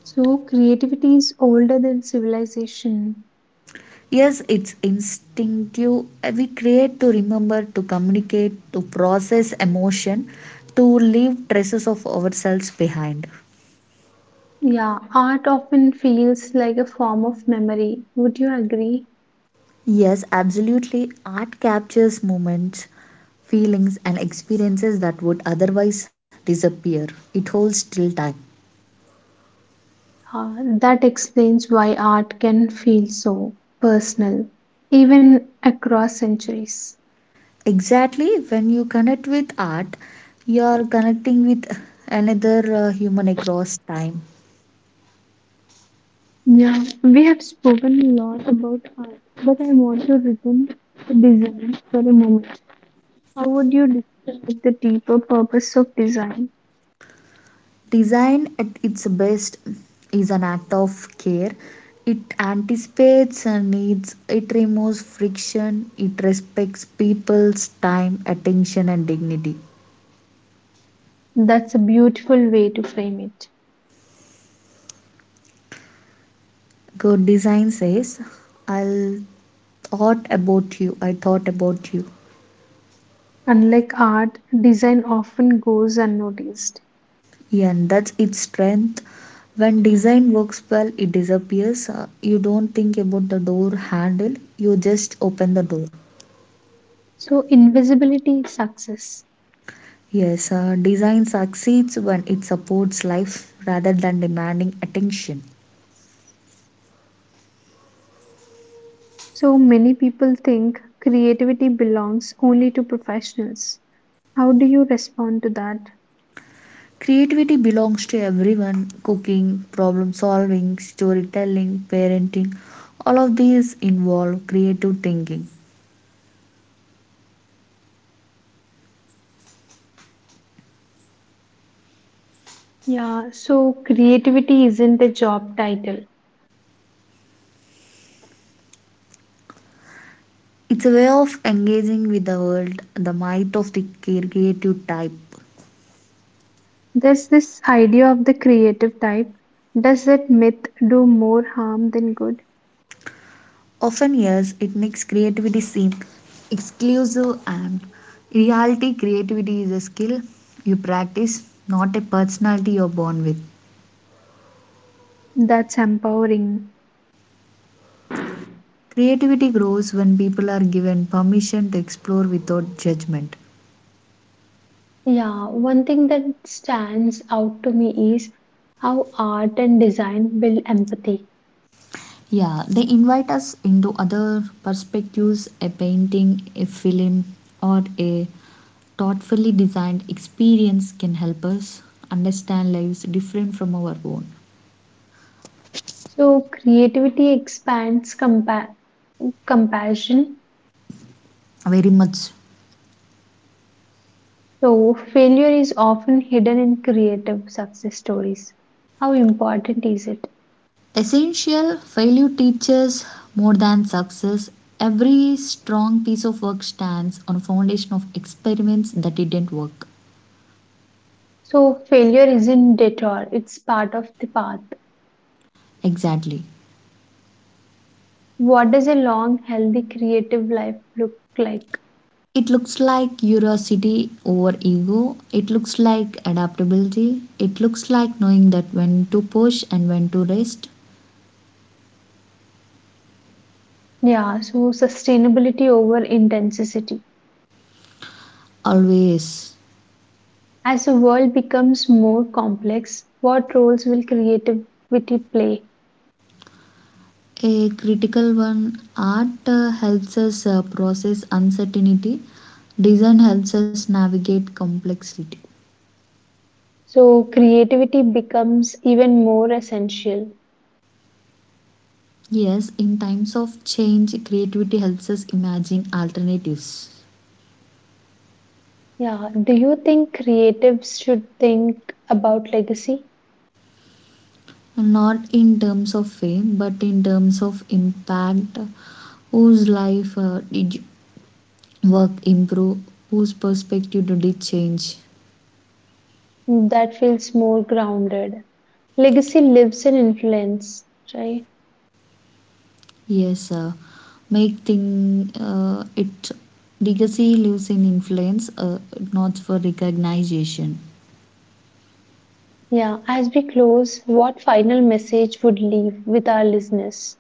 Speaker 1: So creativity is older than civilization.
Speaker 2: Yes, it's instinctive. We create to remember, to communicate, to process emotion, to leave traces of ourselves behind.
Speaker 1: Yeah, art often feels like a form of memory. Would you agree?
Speaker 2: Yes, absolutely. Art captures moments, feelings, and experiences that would otherwise disappear. It holds till time.
Speaker 1: Uh, that explains why art can feel so personal, even across centuries.
Speaker 2: Exactly. When you connect with art, you are connecting with another human across time.
Speaker 1: Yeah, we have spoken a lot about art, but I want to return to design for a moment. How would you describe the deeper purpose of design?
Speaker 2: Design at its best is an act of care. It anticipates needs, it removes friction, it respects people's time, attention, and dignity.
Speaker 1: That's a beautiful way to frame it.
Speaker 2: Good design says, I'll thought about you, I thought about you.
Speaker 1: Unlike art, design often goes unnoticed.
Speaker 2: Yeah, and that's its strength. When design works well, it disappears. You don't think about the door handle, you just open the door.
Speaker 1: So, invisibility is success.
Speaker 2: Yes, design succeeds when it supports life rather than demanding attention.
Speaker 1: So many people think creativity belongs only to professionals. How do you respond to that?
Speaker 2: Creativity belongs to everyone. Cooking, problem solving, storytelling, parenting. All of these involve creative thinking.
Speaker 1: Yeah, so creativity isn't a job title.
Speaker 2: It's a way of engaging with the world, the might of the creative type.
Speaker 1: There's this idea of the creative type. Does that myth do more harm than good?
Speaker 2: Often, yes, it makes creativity seem exclusive, and reality creativity is a skill you practice, not a personality you're born with.
Speaker 1: That's empowering.
Speaker 2: Creativity grows when people are given permission to explore without judgment.
Speaker 1: Yeah, one thing that stands out to me is how art and design build empathy.
Speaker 2: Yeah, they invite us into other perspectives. A painting, a film, or a thoughtfully designed experience can help us understand lives different from our own.
Speaker 1: So, creativity expands compassion.
Speaker 2: Very much.
Speaker 1: So, failure is often hidden in creative success stories. How important is it?
Speaker 2: Essential. Failure teaches more than success. Every strong piece of work stands on a foundation of experiments that didn't work.
Speaker 1: So, failure isn't detour, it's part of the path.
Speaker 2: Exactly.
Speaker 1: What does a long healthy creative life look like?
Speaker 2: It looks like curiosity over ego. It looks like adaptability. It looks like knowing that when to push and when to rest.
Speaker 1: Yeah, so sustainability over intensity.
Speaker 2: Always.
Speaker 1: As the world becomes more complex, what roles will creativity play?
Speaker 2: A critical one. Art helps us process uncertainty. Design helps us navigate complexity.
Speaker 1: So creativity becomes even more essential.
Speaker 2: Yes, in times of change, creativity helps us imagine alternatives.
Speaker 1: Yeah, do you think creatives should think about legacy?
Speaker 2: Not in terms of fame, but in terms of impact. Whose life did you work improve? Whose perspective did it change?
Speaker 1: That feels more grounded. Legacy lives in influence, right?
Speaker 2: Yes, make thing, it, legacy lives in influence, not for recognition.
Speaker 1: Yeah, as we close, what final message would leave with our listeners?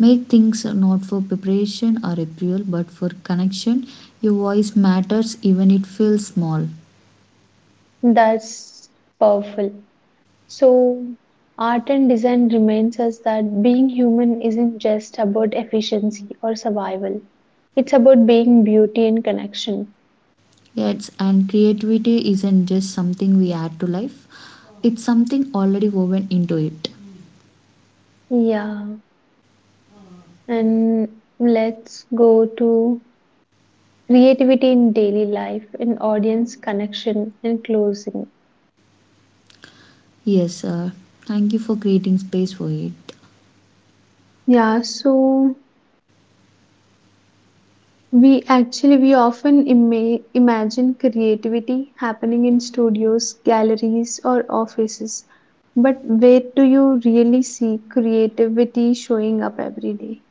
Speaker 2: Make things not for preparation or approval, but for connection. Your voice matters even it feels small.
Speaker 1: That's powerful. So, art and design reminds us that being human isn't just about efficiency or survival. It's about being beauty and connection.
Speaker 2: Yes, and creativity isn't just something we add to life, it's something already woven into it.
Speaker 1: Yeah. And let's go to creativity in daily life, in audience connection and closing.
Speaker 2: Yes, thank you for creating space for it.
Speaker 1: Yeah, so We actually we often imagine creativity happening in studios, galleries or offices. But where do you really see creativity showing up every day?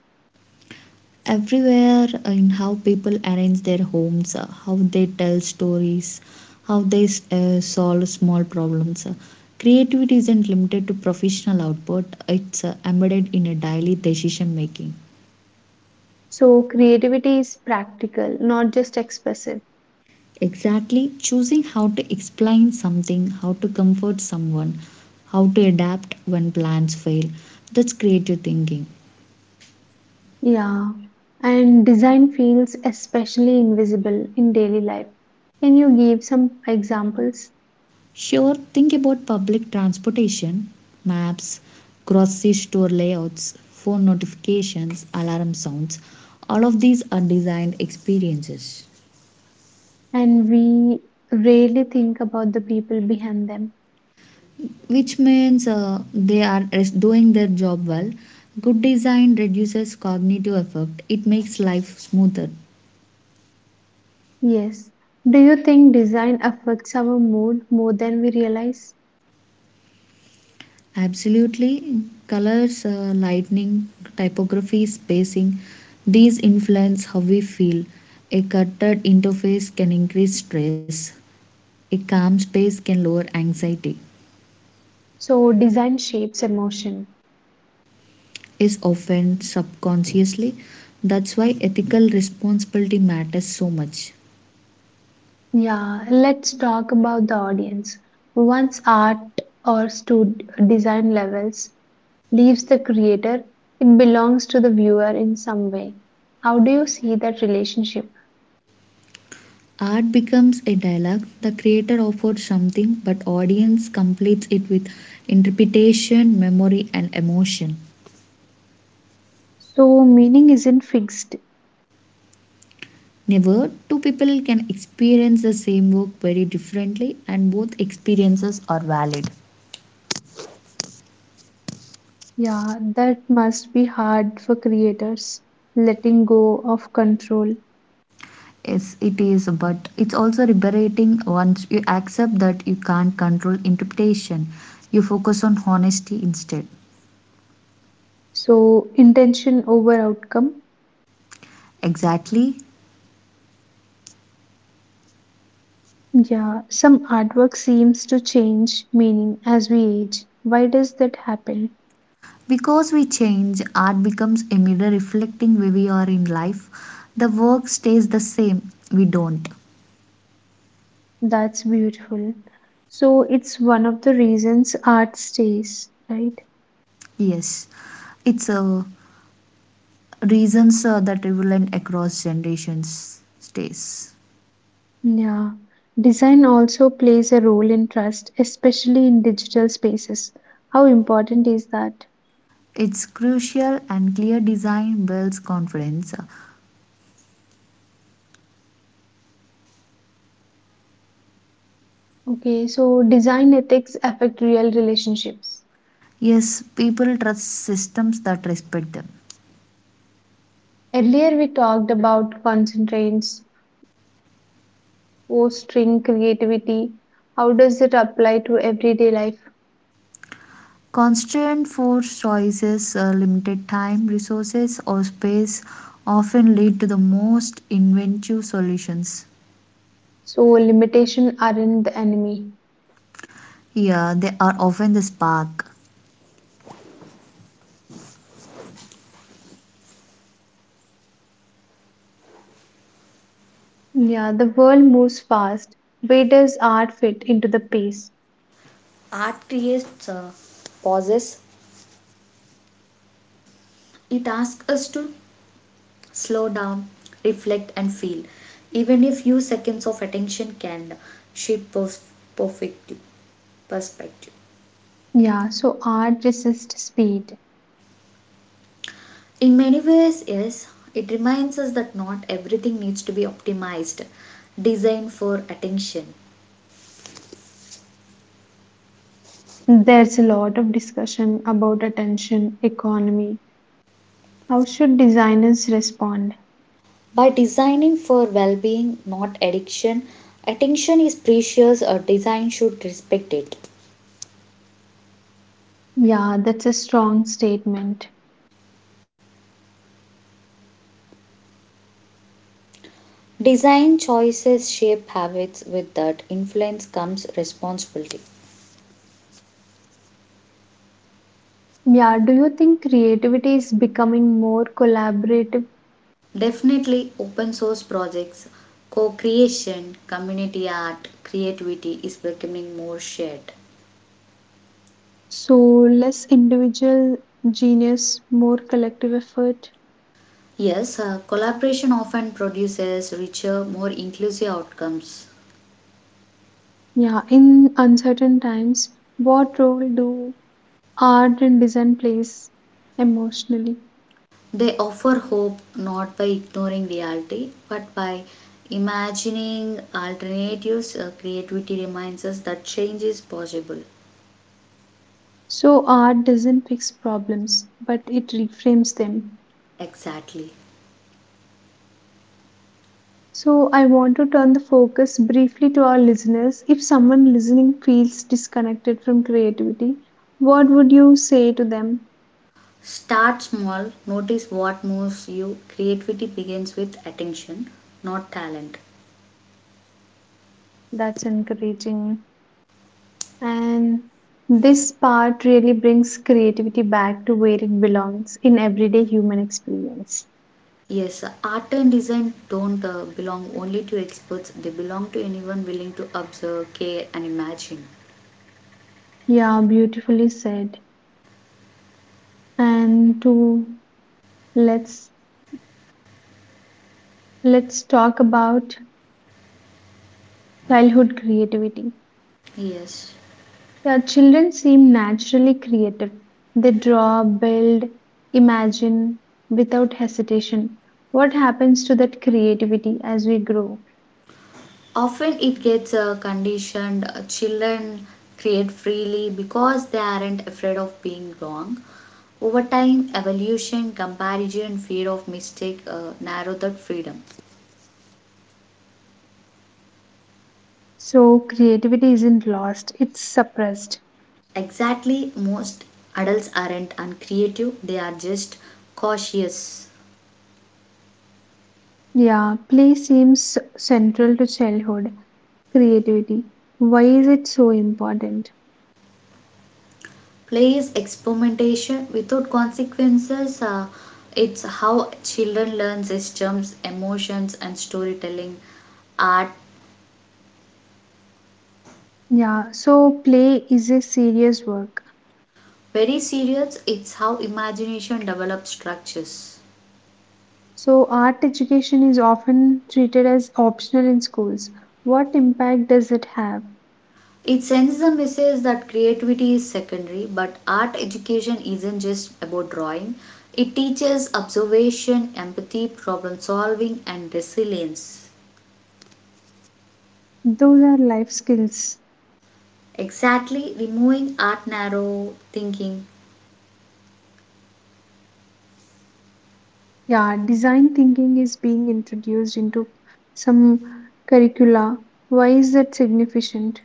Speaker 2: Everywhere, in how people arrange their homes, how they tell stories, how they solve small problems. Creativity isn't limited to professional output, it's embedded in a daily decision making.
Speaker 1: So creativity is practical, not just expressive.
Speaker 2: Exactly, choosing how to explain something, how to comfort someone, how to adapt when plans fail. That's creative thinking.
Speaker 1: Yeah. And design feels especially invisible in daily life. Can you give some examples?
Speaker 2: Sure, think about public transportation, maps, grocery store layouts, phone notifications, alarm sounds. All of these are designed experiences,
Speaker 1: And we rarely think about the people behind them.
Speaker 2: which means they are doing their job well. Good design reduces cognitive effort, it makes life smoother.
Speaker 1: Yes. Do you think design affects our mood more than we realize?
Speaker 2: Absolutely, colors, lightning, typography, spacing, these influence how we feel. A cluttered interface can increase stress. A calm space can lower anxiety,
Speaker 1: So, design shapes emotion.
Speaker 2: is often subconsciously. That's why ethical responsibility matters so much.
Speaker 1: Yeah, let's talk about the audience. Once art or stud design levels leaves the creator, it belongs to the viewer in some way. How do you see that relationship?
Speaker 2: Art becomes a dialogue. The creator offers something, but audience completes it with interpretation, memory, and emotion.
Speaker 1: So, meaning isn't fixed.
Speaker 2: Never two people can experience the same work very differently, and both experiences are valid.
Speaker 1: Yeah, that must be hard for creators, letting go of control.
Speaker 2: Yes, it is, but it's also liberating once you accept that you can't control interpretation. You focus on honesty instead.
Speaker 1: So, intention over outcome.
Speaker 2: Exactly.
Speaker 1: Yeah, some artwork seems to change meaning as we age. Why does that happen?
Speaker 2: Because we change, art becomes a mirror reflecting where we are in life. The work stays the same. We don't.
Speaker 1: That's beautiful. So it's one of the reasons art stays, right?
Speaker 2: Yes. It's reasons that relevant across generations stays.
Speaker 1: Yeah. Design also plays a role in trust, especially in digital spaces. How important is that?
Speaker 2: It's crucial and clear design builds confidence.
Speaker 1: Okay, so design ethics affect real relationships.
Speaker 2: Yes, people trust systems that respect them.
Speaker 1: Earlier we talked about constraints, fostering creativity. How does it apply to everyday life?
Speaker 2: Constraint force choices, limited time, resources, or space often lead to the most inventive solutions.
Speaker 1: So, limitation aren't the enemy.
Speaker 2: Yeah, they are often the spark.
Speaker 1: Yeah, the world moves fast. Where does art fit into the pace?
Speaker 2: Art creates pauses. It asks us to slow down, reflect, and feel. Even a few seconds of attention can shape pers- perfect perspective.
Speaker 1: Yeah, so art resists speed.
Speaker 2: In many ways, yes, it reminds us that not everything needs to be optimized, designed for attention.
Speaker 1: There's a lot of discussion about attention economy. How should designers respond?
Speaker 2: By designing for well-being, not addiction. Attention is precious, a design should respect it.
Speaker 1: Yeah, that's a strong statement.
Speaker 2: Design choices shape habits, with that influence comes responsibility.
Speaker 1: Yeah, do you think creativity is becoming more collaborative?
Speaker 2: Definitely, open source projects, co-creation, community art, creativity is becoming more shared.
Speaker 1: So, less individual genius, more collective effort?
Speaker 2: Yes, collaboration often produces richer, more inclusive outcomes.
Speaker 1: Yeah, in uncertain times, what role do art and design plays emotionally?
Speaker 2: They offer hope, not by ignoring reality, but by imagining alternatives. Creativity reminds us that change is possible.
Speaker 1: So art doesn't fix problems, but it reframes them.
Speaker 2: Exactly.
Speaker 1: So I want to turn the focus briefly to our listeners. If someone listening feels disconnected from creativity, what would you say to them?
Speaker 2: Start small, notice what moves you. Creativity begins with attention, not talent.
Speaker 1: That's encouraging. And this part really brings creativity back to where it belongs in everyday human experience.
Speaker 2: Yes, art and design don't belong only to experts, they belong to anyone willing to observe, care, and imagine.
Speaker 1: Yeah, beautifully said. And to let's let's talk about childhood creativity.
Speaker 2: Yes.
Speaker 1: Yeah, children seem naturally creative. They draw, build, imagine without hesitation. What happens to that creativity as we grow?
Speaker 2: Often it gets conditioned. Children create freely because they aren't afraid of being wrong. Over time, evolution, comparison, fear of mistake narrow that freedom.
Speaker 1: So creativity isn't lost, it's suppressed.
Speaker 2: Exactly, most adults aren't uncreative, they are just cautious.
Speaker 1: Yeah, play seems central to childhood creativity. Why is it so important?
Speaker 2: Play is experimentation without consequences. It's how children learn systems, emotions, and storytelling art.
Speaker 1: Yeah, so play is a serious work.
Speaker 2: Very serious, it's how imagination develops structures.
Speaker 1: So art education is often treated as optional in schools. What impact does it have?
Speaker 2: It sends the message that creativity is secondary, but art education isn't just about drawing. It teaches observation, empathy, problem solving, and resilience.
Speaker 1: Those are life skills.
Speaker 2: Exactly, removing art narrow thinking.
Speaker 1: Yeah, design thinking is being introduced into some curricula. Why is that significant?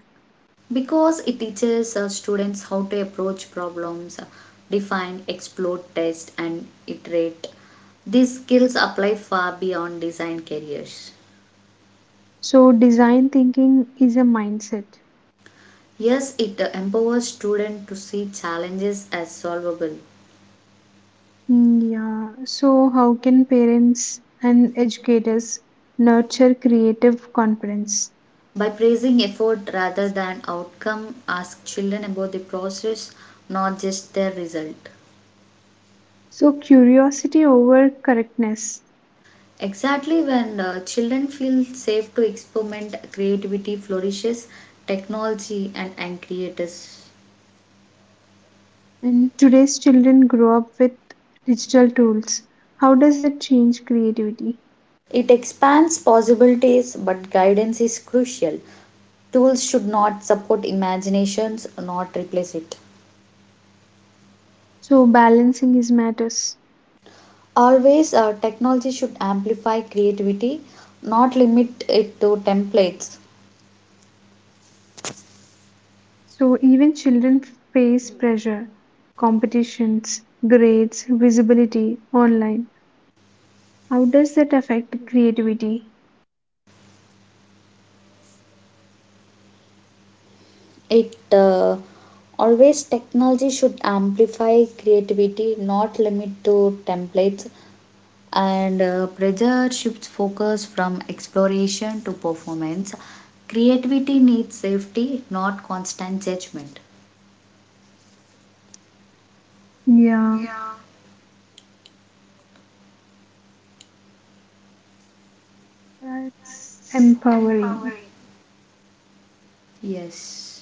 Speaker 2: Because it teaches students how to approach problems, define, explore, test, and iterate. These skills apply far beyond design careers.
Speaker 1: So design thinking is a mindset.
Speaker 2: Yes, it empowers students to see challenges as solvable.
Speaker 1: Mm, yeah, so how can parents and educators nurture creative confidence?
Speaker 2: By praising effort rather than outcome, ask children about the process, not just their result.
Speaker 1: So, curiosity over correctness.
Speaker 2: Exactly, when children feel safe to experiment, creativity flourishes, technology and creators.
Speaker 1: And today's children grow up with digital tools. How does that change creativity?
Speaker 2: It expands possibilities, but guidance is crucial. Tools should not support imaginations, not replace it.
Speaker 1: So, balancing is matters.
Speaker 2: Always, technology should amplify creativity, not limit it to templates.
Speaker 1: So, even children face pressure, competitions, grades, visibility online. How does that affect creativity?
Speaker 2: It always, technology should amplify creativity, not limit to templates. And pressure shifts focus from exploration to performance. Creativity needs safety, not constant judgment.
Speaker 1: Yeah, that's empowering.
Speaker 2: Yes,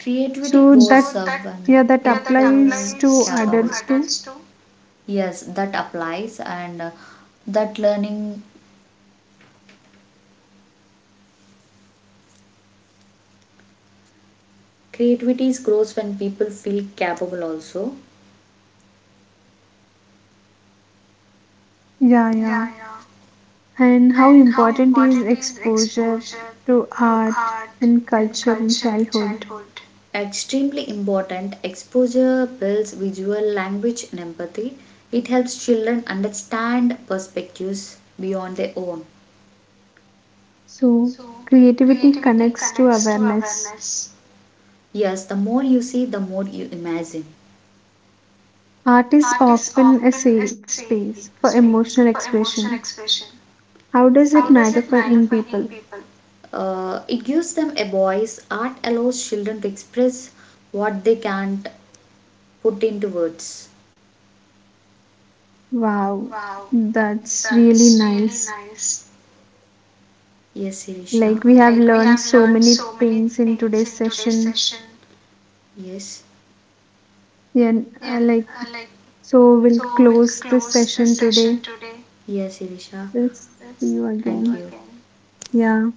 Speaker 2: creativity so
Speaker 1: So,
Speaker 2: grows
Speaker 1: that
Speaker 2: when
Speaker 1: yeah, that
Speaker 2: people
Speaker 1: applies to
Speaker 2: capable.
Speaker 1: adults too.
Speaker 2: Yes, that applies, and that learning creativity is grows when people feel capable. Also,
Speaker 1: Yeah, yeah. And how important is exposure to art and culture in childhood?
Speaker 2: extremely important, exposure builds visual language and empathy. It helps children understand perspectives beyond their own.
Speaker 1: So, creativity connects to awareness.
Speaker 2: Yes, the more you see, the more you imagine.
Speaker 1: Art is often a safe space for emotional expression. How does it matter for young people?
Speaker 2: It gives them a voice. Art allows children to express what they can't put into words.
Speaker 1: Wow, that's really nice.
Speaker 2: Yes, Sirisha.
Speaker 1: Like, we have learned so many things in today's session.
Speaker 2: Yes.
Speaker 1: Yeah, uh, like, so we'll close this session today.
Speaker 2: Yes, Irisha.
Speaker 1: We'll see you
Speaker 2: Thank
Speaker 1: again.
Speaker 2: you.
Speaker 1: Yeah.